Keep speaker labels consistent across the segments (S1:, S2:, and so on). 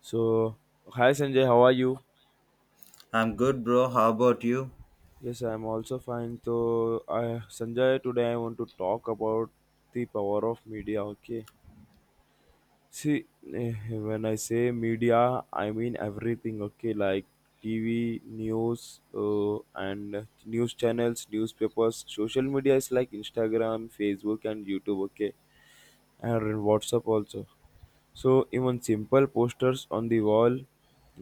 S1: So, hi Sanjay, how are you?
S2: I'm good, bro. How about you?
S1: Yes, I'm also fine. So, Sanjay, today I want to talk about the power of media. Okay, see, eh, when I say media, I mean everything. Okay, like TV, news, and news channels, newspapers, social media is like Instagram, Facebook, and YouTube. Okay, and WhatsApp also. So even simple posters on the wall,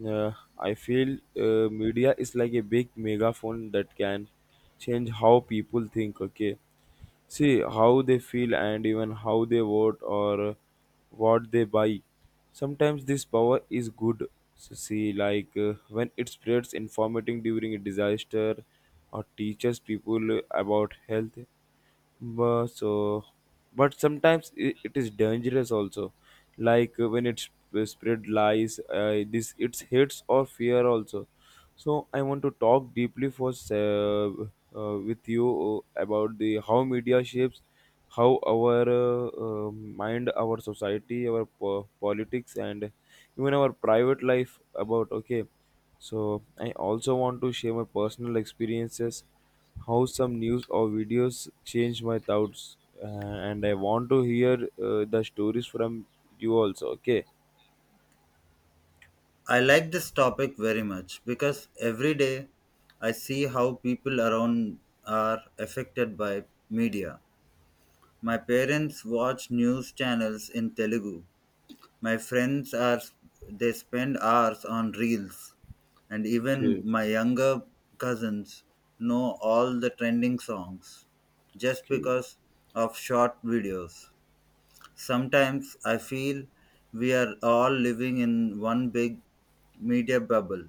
S1: uh, I feel media is like a big megaphone that can change how people think. Okay, see how they feel and even how they vote or what they buy. Sometimes this power is good. So see, like when it spreads information during a disaster or teaches people about health, but so, but sometimes it is dangerous also. Like when it spread lies, this it's hits or fear also. So I want to talk deeply for with you about the how media shapes how our mind, our society, our politics, and even our private life. About Okay, so I also want to share my personal experiences, how some news or videos change my thoughts, uh, and I want to hear the stories from you also. Okay,
S2: I like this topic very much because every day I see how people around are affected by media. My parents watch news channels in Telugu. My friends are they spend hours on reels, and even
S1: okay,
S2: my younger cousins know all the trending songs just
S1: okay,
S2: because of short videos. Sometimes I feel we are all living in one big media bubble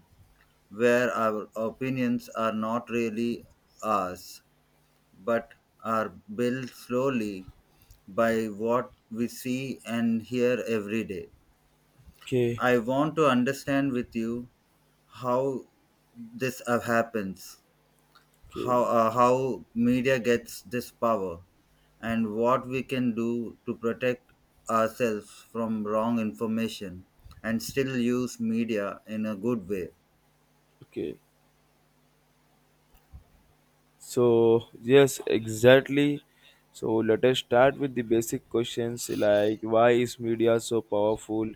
S2: where our opinions are not really ours but are built slowly by what we see and hear every day.
S1: okay,
S2: I want to understand with you how this happens,
S1: okay,
S2: how how media gets this power and what we can do to protect ourselves from wrong information and still use media in a good way.
S1: okay. So, yes, exactly. So, let us start with the basic questions like why is media so powerful?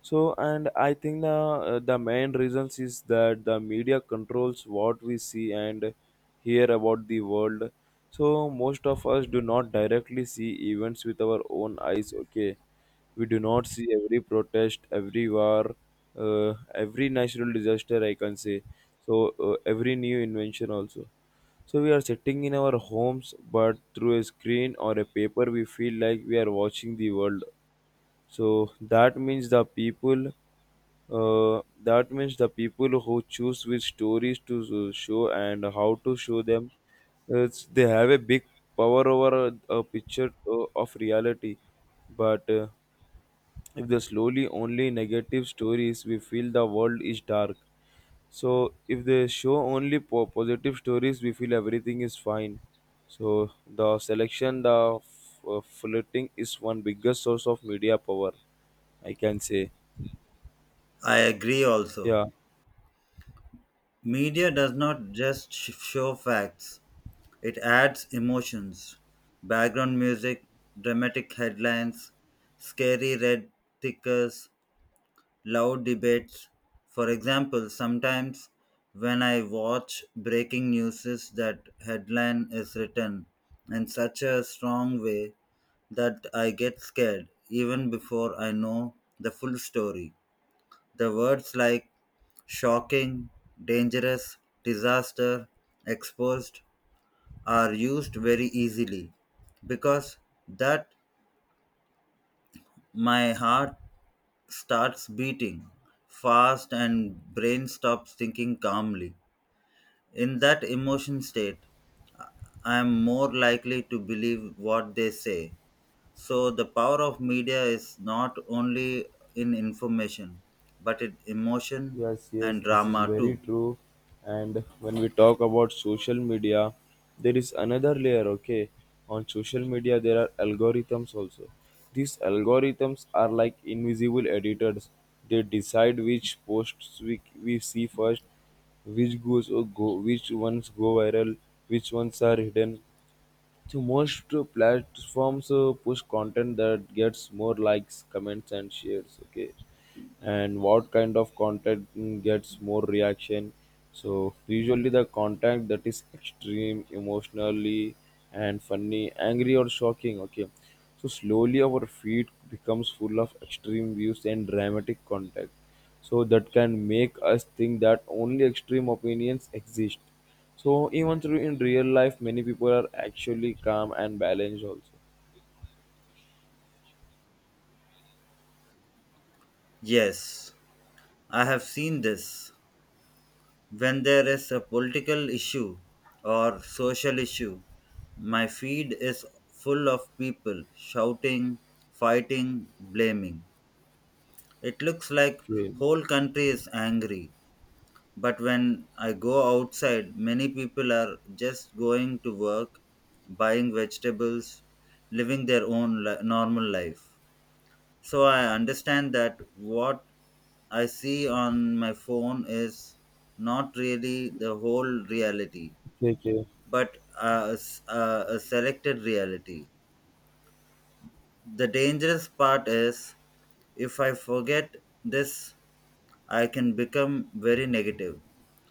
S1: So, and I think the main reasons is that the media controls what we see and hear about the world. So, most of us do not directly see events with our own eyes, okay? We do not see every protest, every war, every natural disaster, I can say. So every new invention also. So we are sitting in our homes, but through a screen or a paper, we feel like we are watching the world. So that means the people who choose which stories to show and how to show them, they have a big power over a picture of reality. But if they slowly only negative stories, we feel the world is dark. So if they show only positive stories, we feel everything is fine. So the selection, flirting is one biggest source of media power, I can say.
S2: I agree also.
S1: Yeah.
S2: Media does not just show facts. It adds emotions, background music, dramatic headlines, scary red tickers, loud debates. For example, sometimes when I watch breaking news, that headline is written in such a strong way that I get scared even before I know the full story. The words like shocking, dangerous, disaster, exposed are used very easily because that my heart starts beating fast and brain stops thinking calmly. In that emotion state, I am more likely to believe what they say. So the power of media is not only in information, but in emotion
S1: Yes, yes,
S2: and
S1: this is
S2: drama
S1: very
S2: too.
S1: true. And when we talk about social media, there is another layer, okay? On social media, there are algorithms also. These algorithms are like invisible editors. They decide which posts we see first, which goes or go, which ones go viral, which ones are hidden. So most platforms push content that gets more likes, comments, and shares, okay? And what kind of content gets more reaction. So usually the content that is extreme emotionally and funny, angry, or shocking, okay. So slowly our feed becomes full of extreme views and dramatic content, so that can make us think that only extreme opinions exist, so even through in real life many people are actually calm and balanced also.
S2: Yes, I have seen this. When there is a political issue or social issue, my feed is full of people shouting, fighting, blaming. It looks like
S1: Okay,
S2: whole country is angry. But when I go outside, many people are just going to work, buying vegetables, living their own normal life. So I understand that what I see on my phone is not really the whole reality,
S1: okay, okay,
S2: but a selected reality. The dangerous part is if I forget this, I can become very negative,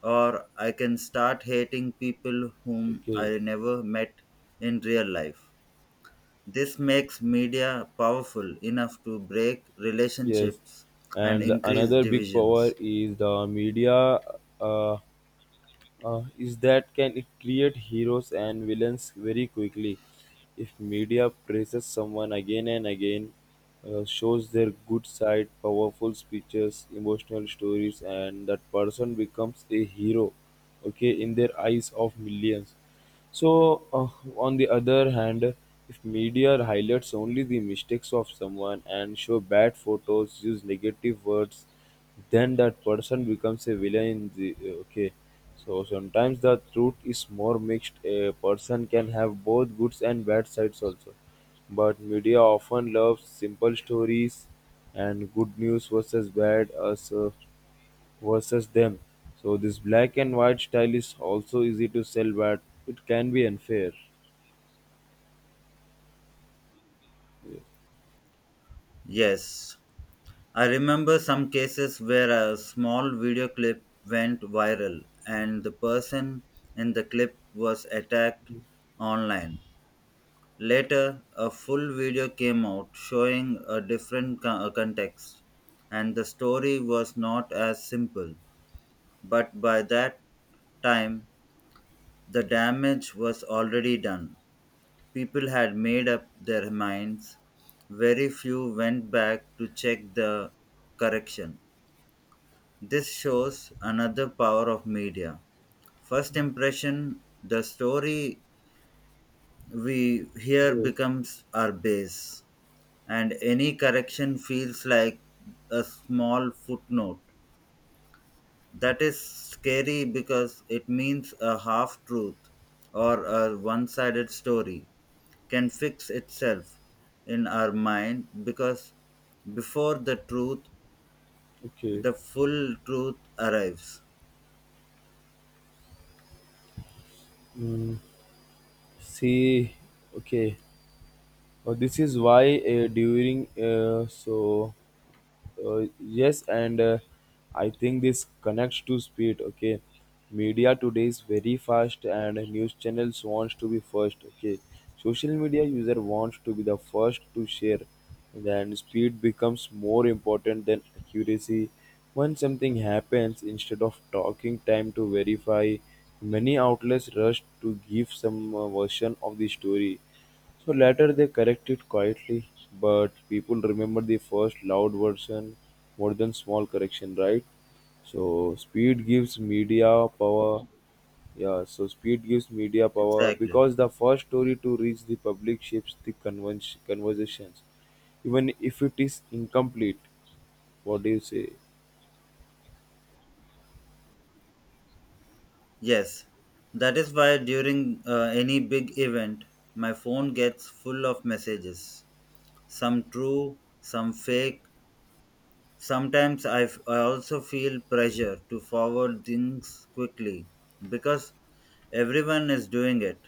S2: or I can start hating people whom
S1: okay.
S2: I never met in real life. This makes media powerful enough to break
S1: Yes,
S2: relationships and
S1: and
S2: increase
S1: another big power
S2: divisions.
S1: is the media. Uh, is that can it create heroes and villains very quickly? If media praises someone again and again, shows their good side, powerful speeches, emotional stories, and that person becomes a hero, okay, in their eyes of millions. So, on the other hand, if media highlights only the mistakes of someone and show bad photos, use negative words, then that person becomes a villain in the okay. So sometimes the truth is more mixed, a person can have both good and bad sides also, but media often loves simple stories, and good news versus bad, us versus them. So this black and white style is also easy to sell, but it can be unfair. Yes.
S2: Yes, I remember some cases where a small video clip went viral and the person in the clip was attacked online. Later, a full video came out showing a different context, and the story was not as simple. But by that time, the damage was already done. People had made up their minds. Very few went back to check the correction. This shows another power of media. First impression, the story we hear
S1: Yes.
S2: becomes our base, and any correction feels like a small footnote. That is scary because it means a half truth or a one sided story can fix itself in our mind because before the truth,
S1: Okay.
S2: the full truth arrives.
S1: Mm, See. Okay. This is why during so yes and I think this connects to speed, okay. Media today is very fast and news channels wants to be first, okay. Social media user wants to be the first to share, then speed becomes more important than accuracy. When something happens, instead of talking time to verify, many outlets rush to give some version of the story. So later they corrected quietly, but people remember the first loud version more than small correction, right? So speed gives media power. Yeah, so speed gives media power
S2: Exactly.
S1: because the first story to reach the public shapes the conversations, even if it is incomplete. What do you say?
S2: Yes. That is why during any big event, my phone gets full of messages. Some true, some fake. Sometimes I also feel pressure to forward things quickly because everyone is doing it.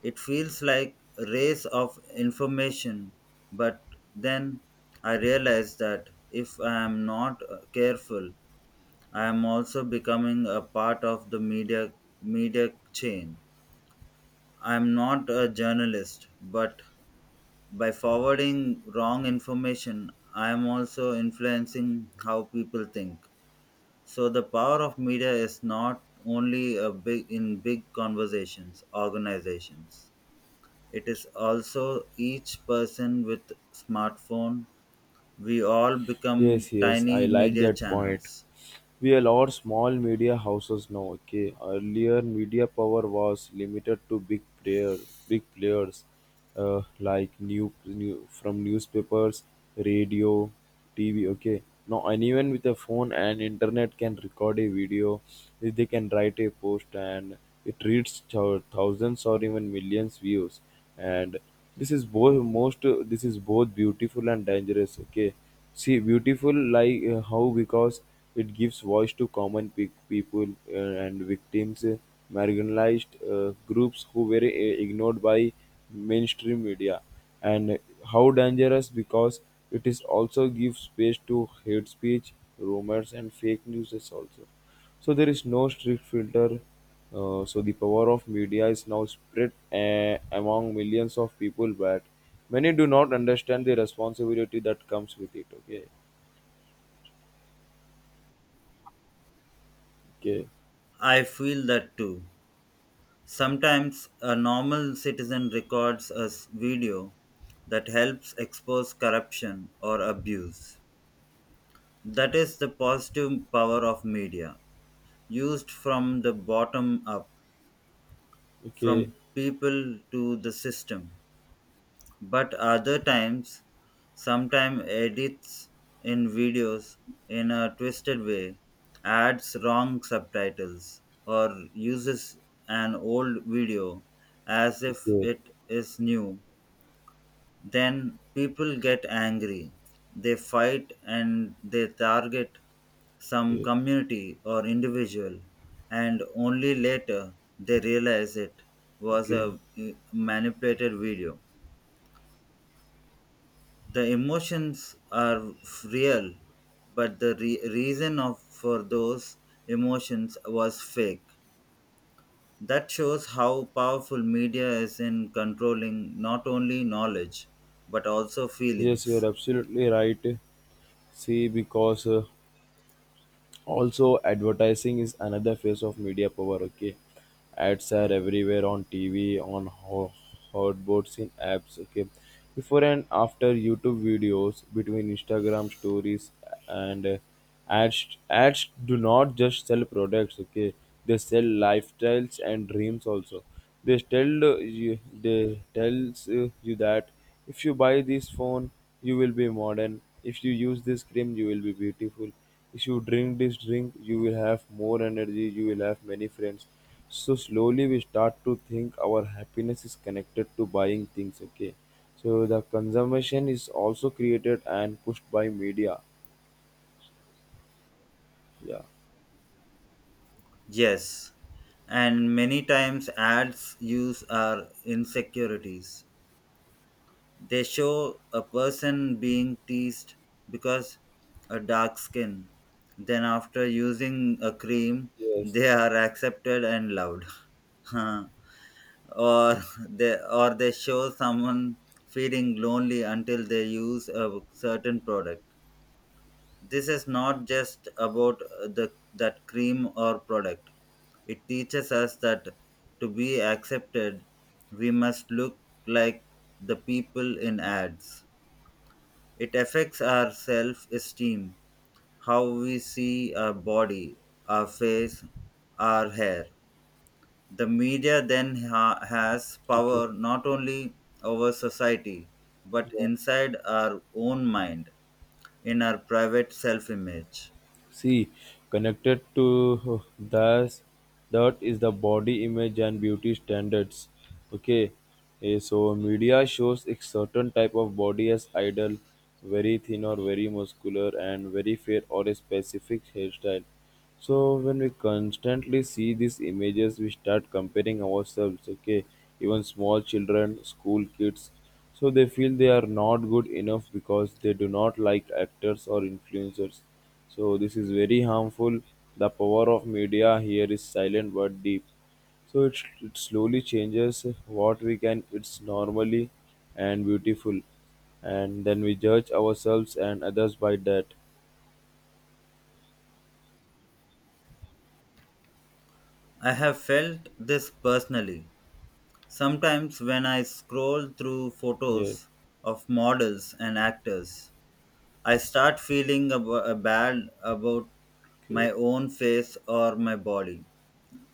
S2: It feels like a race of information, but then I realize that if I am not careful, I am also becoming a part of the media chain. I am not a journalist, but by forwarding wrong information, I am also influencing how people think. So the power of media is not only a big in big conversations, organizations. It is also each person with smartphone. We all become
S1: Yes, yes, I
S2: tiny
S1: like
S2: media
S1: that point.
S2: channels.
S1: We allow small media houses now, okay. Earlier media power was limited to big players, like new, new from newspapers, radio, tv, okay. Now anyone with a phone and internet can record a video, they can write a post and it reaches thousands or even millions views. And this is both most this is both beautiful and dangerous, okay. See, beautiful like how, because it gives voice to common people, and victims, marginalized groups who were ignored by mainstream media, and how dangerous because it is also gives space to hate speech, rumors, and fake news also. So there is no strict filter. So the power of media is now spread among millions of people, but many do not understand the responsibility that comes with it. Okay, okay,
S2: I feel that too. Sometimes a normal citizen records a video that helps expose corruption or abuse. That is the positive power of media, used from the bottom up,
S1: okay,
S2: from people to the system. But other times, sometimes edits in videos in a twisted way, adds wrong subtitles, or uses an old video as if
S1: okay,
S2: it is new. Then people get angry. They fight and they target some
S1: okay,
S2: community or individual, and only later they realize it was
S1: okay.
S2: a manipulated video. The emotions are real but the reason of for those emotions was fake. That shows how powerful media is in controlling not only knowledge but also
S1: Yes, you are
S2: feelings.
S1: absolutely right. See, because also advertising is another face of media power, okay. Ads are everywhere, on tv, on hotboards, in apps, okay, before and after YouTube videos, between Instagram stories, and ads do not just sell products, okay. They sell lifestyles and dreams also. They tells you that if you buy this phone you will be modern, if you use this cream you will be beautiful, if you drink this drink, you will have more energy, you will have many friends. So slowly we start to think our happiness is connected to buying things, okay? So the consumption is also created and pushed by media. Yeah.
S2: Yes, and many times ads use our insecurities. They show a person being teased because a dark skin. Then after using a cream,
S1: Yes.
S2: they are accepted and loved. Or they show someone feeling lonely until they use a certain product. This is not just about the that cream or product. It teaches us that to be accepted, we must look like the people in ads. It affects our self esteem, how we see our body, our face, our hair. The media then has
S1: Okay.
S2: power not only over society, but
S1: Yeah.
S2: inside our own mind, in our private self image.
S1: See, connected to that, that is the body image and beauty standards. Okay, so media shows a certain type of body as ideal, very thin or very muscular, and very fair or a specific hairstyle. So when we constantly see these images, we start comparing ourselves. Okay, even small children, school kids, so they feel they are not good enough because they do not like actors or influencers. So this is very harmful. The power of media here is silent but deep. So it slowly changes what we can. It's normally and beautiful, and then we judge ourselves and others by that.
S2: I have felt this personally. Sometimes when I scroll through
S1: Yeah.
S2: photos of models and actors, I start feeling bad about
S1: Okay.
S2: my own face or my body.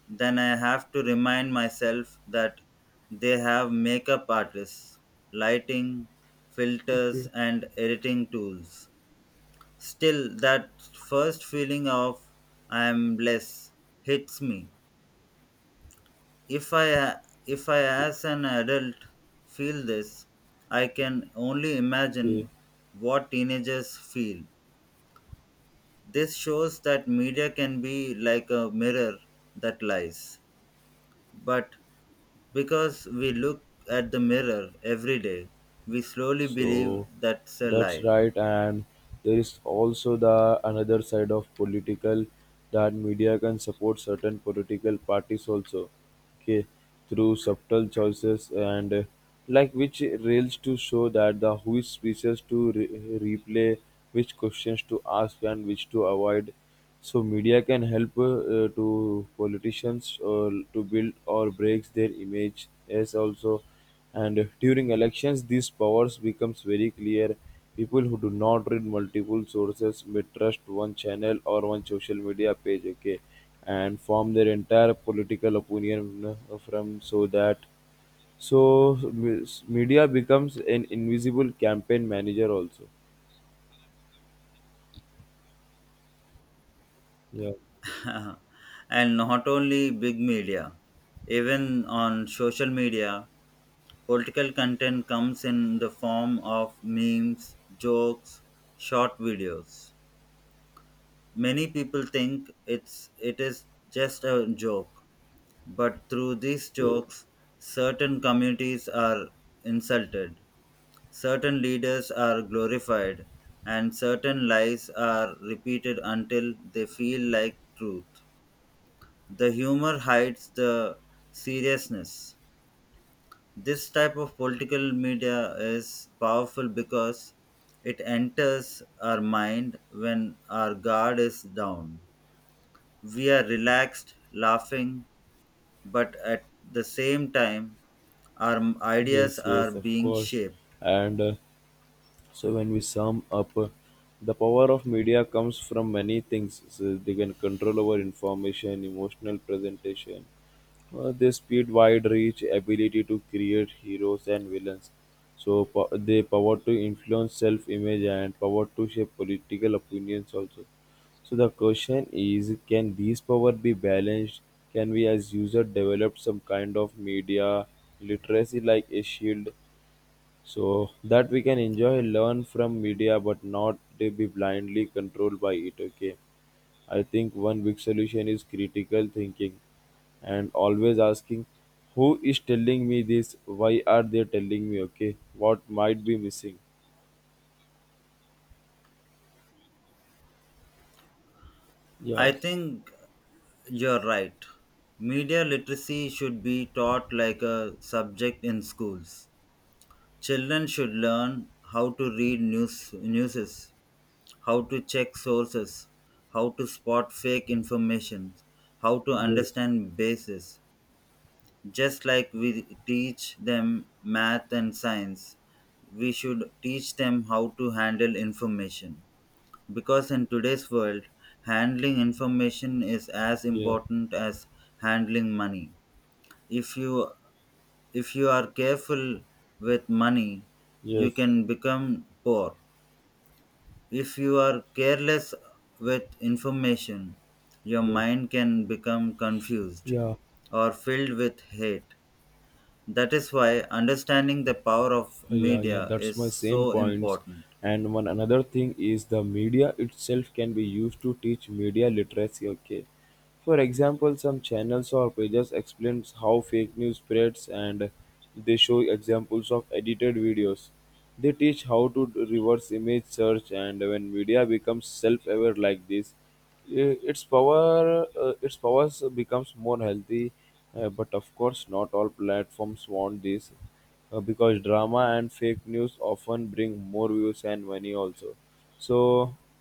S2: Then I have to remind myself that they have makeup artists, lighting, filters,
S1: Okay.
S2: and editing tools. Still, that first feeling of I am less hits me. If I, if I as an adult feel this, I can only
S1: Okay.
S2: imagine what teenagers feel. This shows that media can be like a mirror that lies. But because we look at the mirror every day, we slowly believe
S1: So
S2: that's a
S1: that's
S2: lie.
S1: right, and there is also the another side of political that media can support certain political parties also, okay, through subtle choices and like which rails to show that the who is speeches to replay, which questions to ask, and which to avoid. So media can help to politicians to build or breaks their image as also, and during elections these powers becomes very clear, people who do not read multiple sources may trust one channel or one social media page, okay, and form their entire political opinion from so that, so media becomes an invisible campaign manager also. Yeah,
S2: And not only big media, even on social media, political content comes in the form of memes, jokes, short videos. Many people think it is just a joke. But through these
S1: yeah.
S2: jokes, certain communities are insulted, certain leaders are glorified, and certain lies are repeated until they feel like truth. The humor hides the seriousness. This type of political media is powerful because it enters our mind when our guard is down. We are relaxed, laughing, but at the same time, our
S1: Yes,
S2: ideas are
S1: yes, of
S2: being
S1: course.
S2: shaped.
S1: And so when we sum up, the power of media comes from many things. So they can control over information, emotional presentation, they speed, wide reach, ability to create heroes and villains. So they power to influence self-image and power to shape political opinions also. So the question is, can these power be balanced? Can we as user develop some kind of media literacy like a shield so that we can enjoy learn from media but not to be blindly controlled by it, okay? I think one big solution is critical thinking and always asking who is telling me this, why are they telling me, okay, what might be missing.
S2: I
S1: Yes,
S2: think you're right. Media literacy should be taught like a subject in schools. Children should learn how to read news newses, how to check sources, how to spot fake information, how to
S1: yes,
S2: understand bases. Just like we teach them math and science, we should teach them how to handle information. Because in today's world, handling information is as
S1: yeah,
S2: important as handling money. If you if you are careful with money, you
S1: yes,
S2: can become poor. If you are careless with information, your
S1: yeah,
S2: mind can become confused
S1: yeah.
S2: or filled with hate. That is why understanding the power of
S1: Yeah, yeah,
S2: media
S1: that's
S2: is
S1: my same
S2: so
S1: points.
S2: important.
S1: And one another thing is the media itself can be used to teach media literacy. Okay, for example, some channels or pages explains how fake news spreads, and they show examples of edited videos. They teach how to do reverse image search, and when media becomes self-aware like this, its powers becomes more healthy, but of course not all platforms want this, because drama and fake news often bring more views and money also. So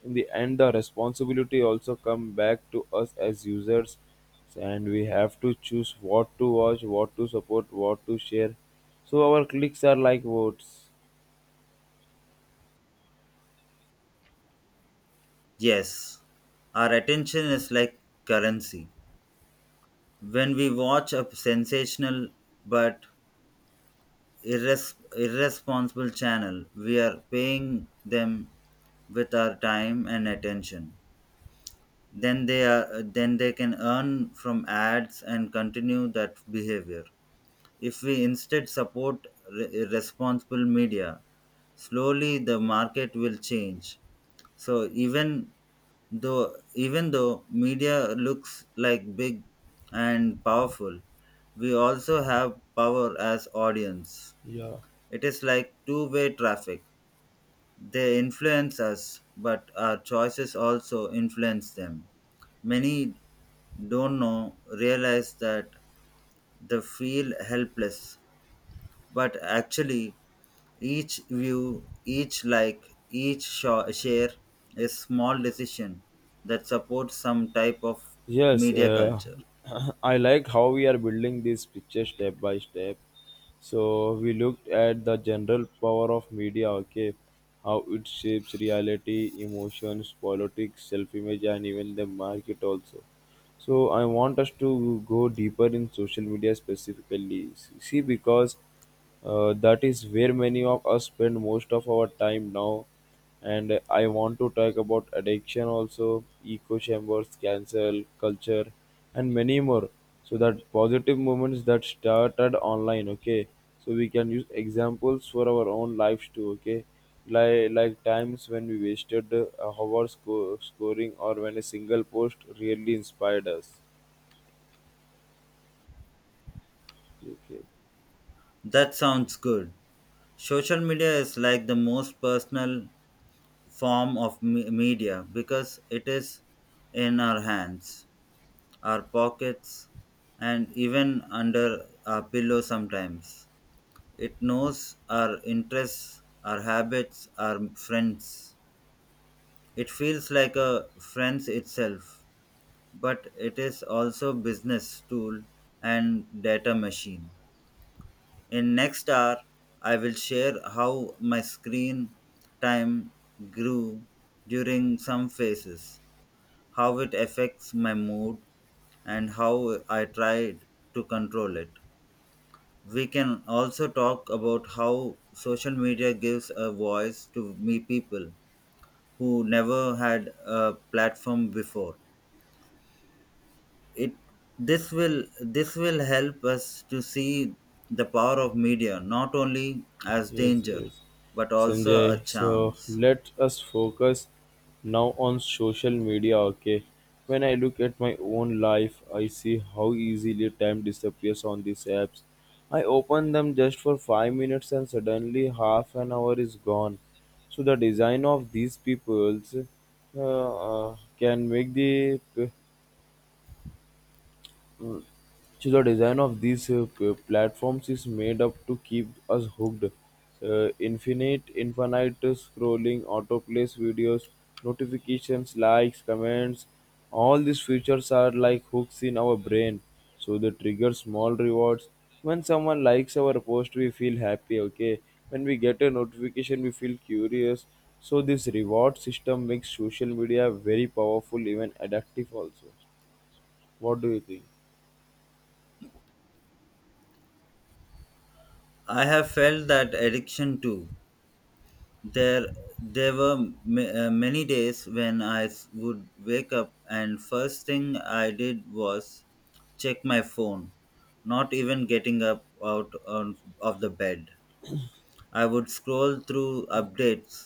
S1: in the end the responsibility also come back to us as users, and we have to choose what to watch, what to support, what to share. So our clicks are like votes.
S2: Yes, our attention is like currency. When we watch a sensational but irresponsible channel, we are paying them with our time and attention. Then they can earn from ads and continue that behavior. If we instead support responsible media, slowly the market will change. So even though media looks like big and powerful, we also have power as audience.
S1: Yeah.
S2: It is like two-way traffic. They influence us, but our choices also influence them. Many don't know realize that they feel helpless but actually each view, each like, each share a small decision that supports some type of
S1: Yes,
S2: media
S1: uh,
S2: culture.
S1: I liked how we are building this picture step by step. So we looked at the general power of media. Okay, how it shapes reality, emotions, politics, self-image, and even the market also. So I want us to go deeper in social media specifically. See, because that is where many of us spend most of our time now. And I want to talk about addiction also, echo chambers, cancel culture, and many more. So that positive movements that started online. Okay, so we can use examples for our own lives too. Okay, like times when we wasted hours scoring, or when a single post really inspired us. Okay.
S2: That sounds good. Social media is like the most personal form of media because it is in our hands, our pockets, and even under our pillow sometimes. It knows our interests, our habits, our friends. It feels like a friends itself, but it is also business tool and data machine. In next hour, I will share how my screen time grew during some phases, how it affects my mood, and how I tried to control it. We can also talk about how social media gives a voice to me people who never had a platform before. It this will This will help us to see the power of media not only as
S1: Yes,
S2: danger
S1: yes,
S2: but also a
S1: Sanjay. So
S2: chance.
S1: let us focus now on social media. Okay, when I look at my own life, I see how easily time disappears on these apps. I open them just for 5 minutes, and suddenly half an hour is gone. So the design of these peoples can make the p- so the design of these platforms is made up to keep us hooked. Infinite scrolling, autoplays videos, notifications, likes, comments. All these features are like hooks in our brain. So they trigger small rewards. When someone likes our post, we feel happy. Okay. When we get a notification, we feel curious. So this reward system makes social media very powerful, even addictive. Also, what do you think?
S2: I have felt that addiction too. there there were many days when I would wake up and first thing I did was check my phone, not even getting up out on, of the bed. I would scroll through updates,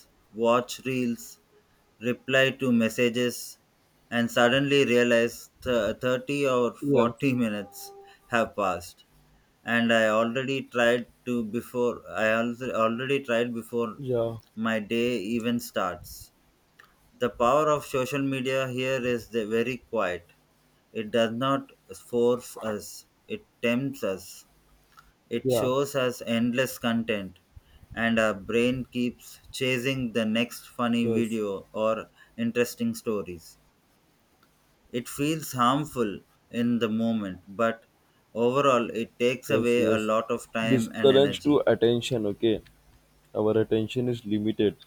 S2: watch reels, reply to messages, and suddenly realize 30 or
S1: Yeah.
S2: 40 minutes have passed. And I already tried to before I also already tried before
S1: Yeah.
S2: my day even starts. The power of social media here is the very quiet. It does not force us, it tempts us. It
S1: Yeah,
S2: shows us endless content, and our brain keeps chasing the next funny
S1: yes,
S2: video or interesting stories. It feels harmful in the moment, but overall, it takes
S1: yes,
S2: away a
S1: yes.
S2: lot of time
S1: This
S2: and
S1: connects
S2: energy.
S1: to attention, okay? Our attention is limited.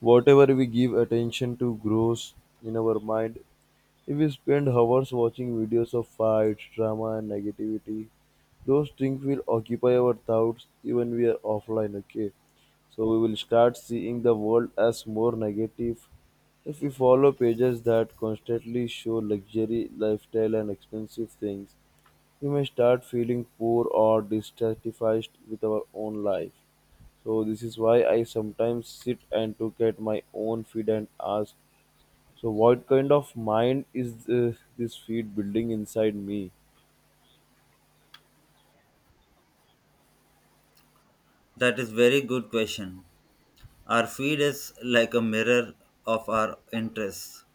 S1: Whatever we give attention to grows in our mind. If we spend hours watching videos of fights, drama, and negativity, those things will occupy our thoughts even we are offline, okay? So we will start seeing the world as more negative if we follow pages that constantly show luxury, lifestyle, and expensive things. We may start feeling poor or dissatisfied with our own life. So this is why I sometimes sit and look at my own feed and ask, so what kind of mind is this feed building inside me?
S2: That is very good question. Our feed is like a mirror of our interests,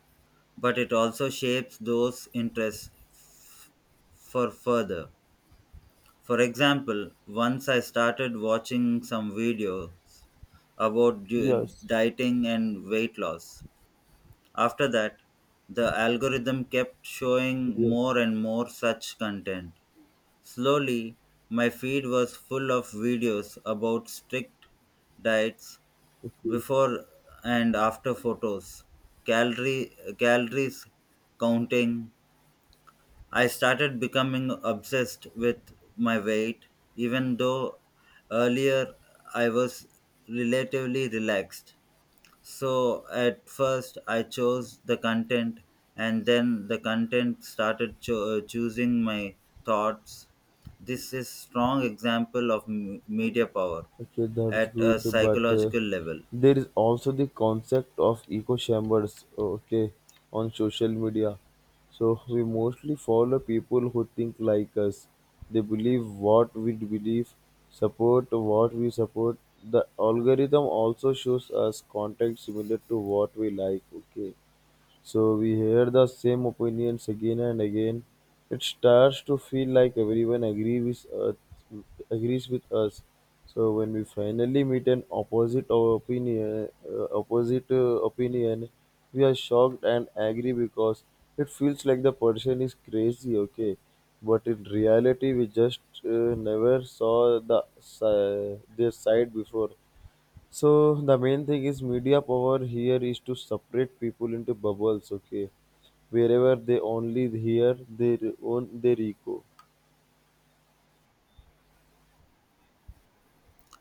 S2: but it also shapes those interests for further. For example, once I started watching some videos about
S1: Yes.
S2: dieting and weight loss. After that, the algorithm kept showing
S1: Yes.
S2: more and more such content. Slowly, my feed was full of videos about strict diets,
S1: Okay.
S2: before and after photos, calorie calories counting. I started becoming obsessed with my weight, even though earlier I was relatively relaxed. So at first I chose the content, and then the content started choosing my thoughts. This is strong example of media power
S1: Okay, that's
S2: at a
S1: good, but
S2: psychological level.
S1: there is also the concept of echo chambers. Okay, on social media, so we mostly follow people who think like us. They believe what we believe, support what we support. The algorithm also shows us content similar to what we like. Okay, so we hear the same opinions again and again. It starts to feel like everyone agree with us, agrees with us. So when we finally meet an opposite opinion, we are shocked and angry because it feels like the person is crazy. Okay, but in reality, we just never saw their side before. So the main thing is media power here is to separate people into bubbles. Okay, wherever they only hear their own their ego.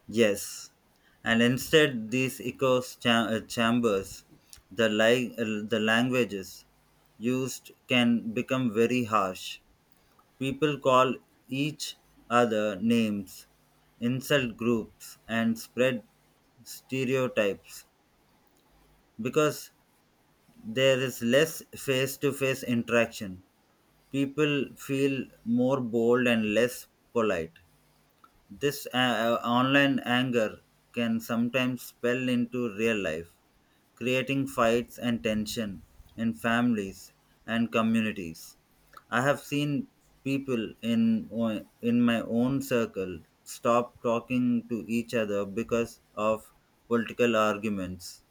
S2: Yes, and instead these echo chambers, the the languages used can become very harsh. People call each other names, insult groups, and spread stereotypes because there is less face-to-face interaction. People feel more bold and less polite. This online anger can sometimes spill into real life, creating fights and tension in families and communities. I have seen people in in my own circle stop talking to each other because of political arguments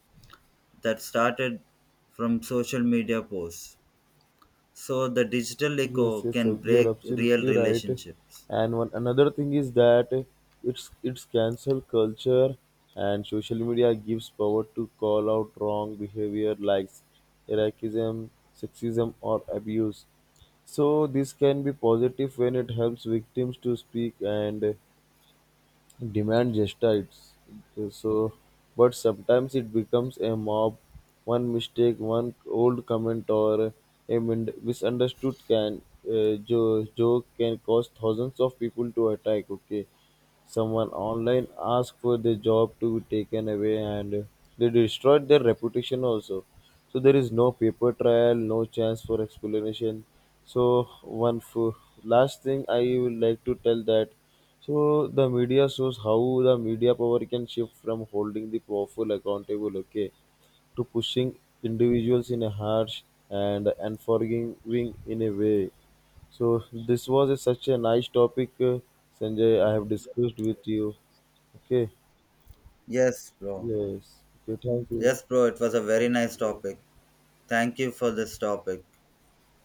S2: that started from social media posts. So the digital echo
S1: Yes, yes,
S2: can
S1: sir. You are
S2: break real
S1: absolutely right.
S2: relationships.
S1: And one another thing is that it's cancel culture, and social media gives power to call out wrong behavior like racism, sexism, or abuse. So this can be positive when it helps victims to speak and demand justice, so but sometimes it becomes a mob. One mistake, one old comment, or a misunderstood joke can cause thousands of people to attack. Okay, someone online asked for their job to be taken away, and they destroyed their reputation also. So there is no paper trial, no chance for explanation. So one f- last thing I would like to tell that. So the media shows how the media power can shift from holding the powerful accountable, okay, to pushing individuals in a harsh and unforgiving in a way. So this was such a nice topic, Sanjay. I have discussed with you. Okay.
S2: Yes, bro.
S1: Yes. Okay. Thank you.
S2: Yes, bro, it was a very
S1: Thank you,
S2: nice
S1: bro.
S2: topic. Thank you for this topic.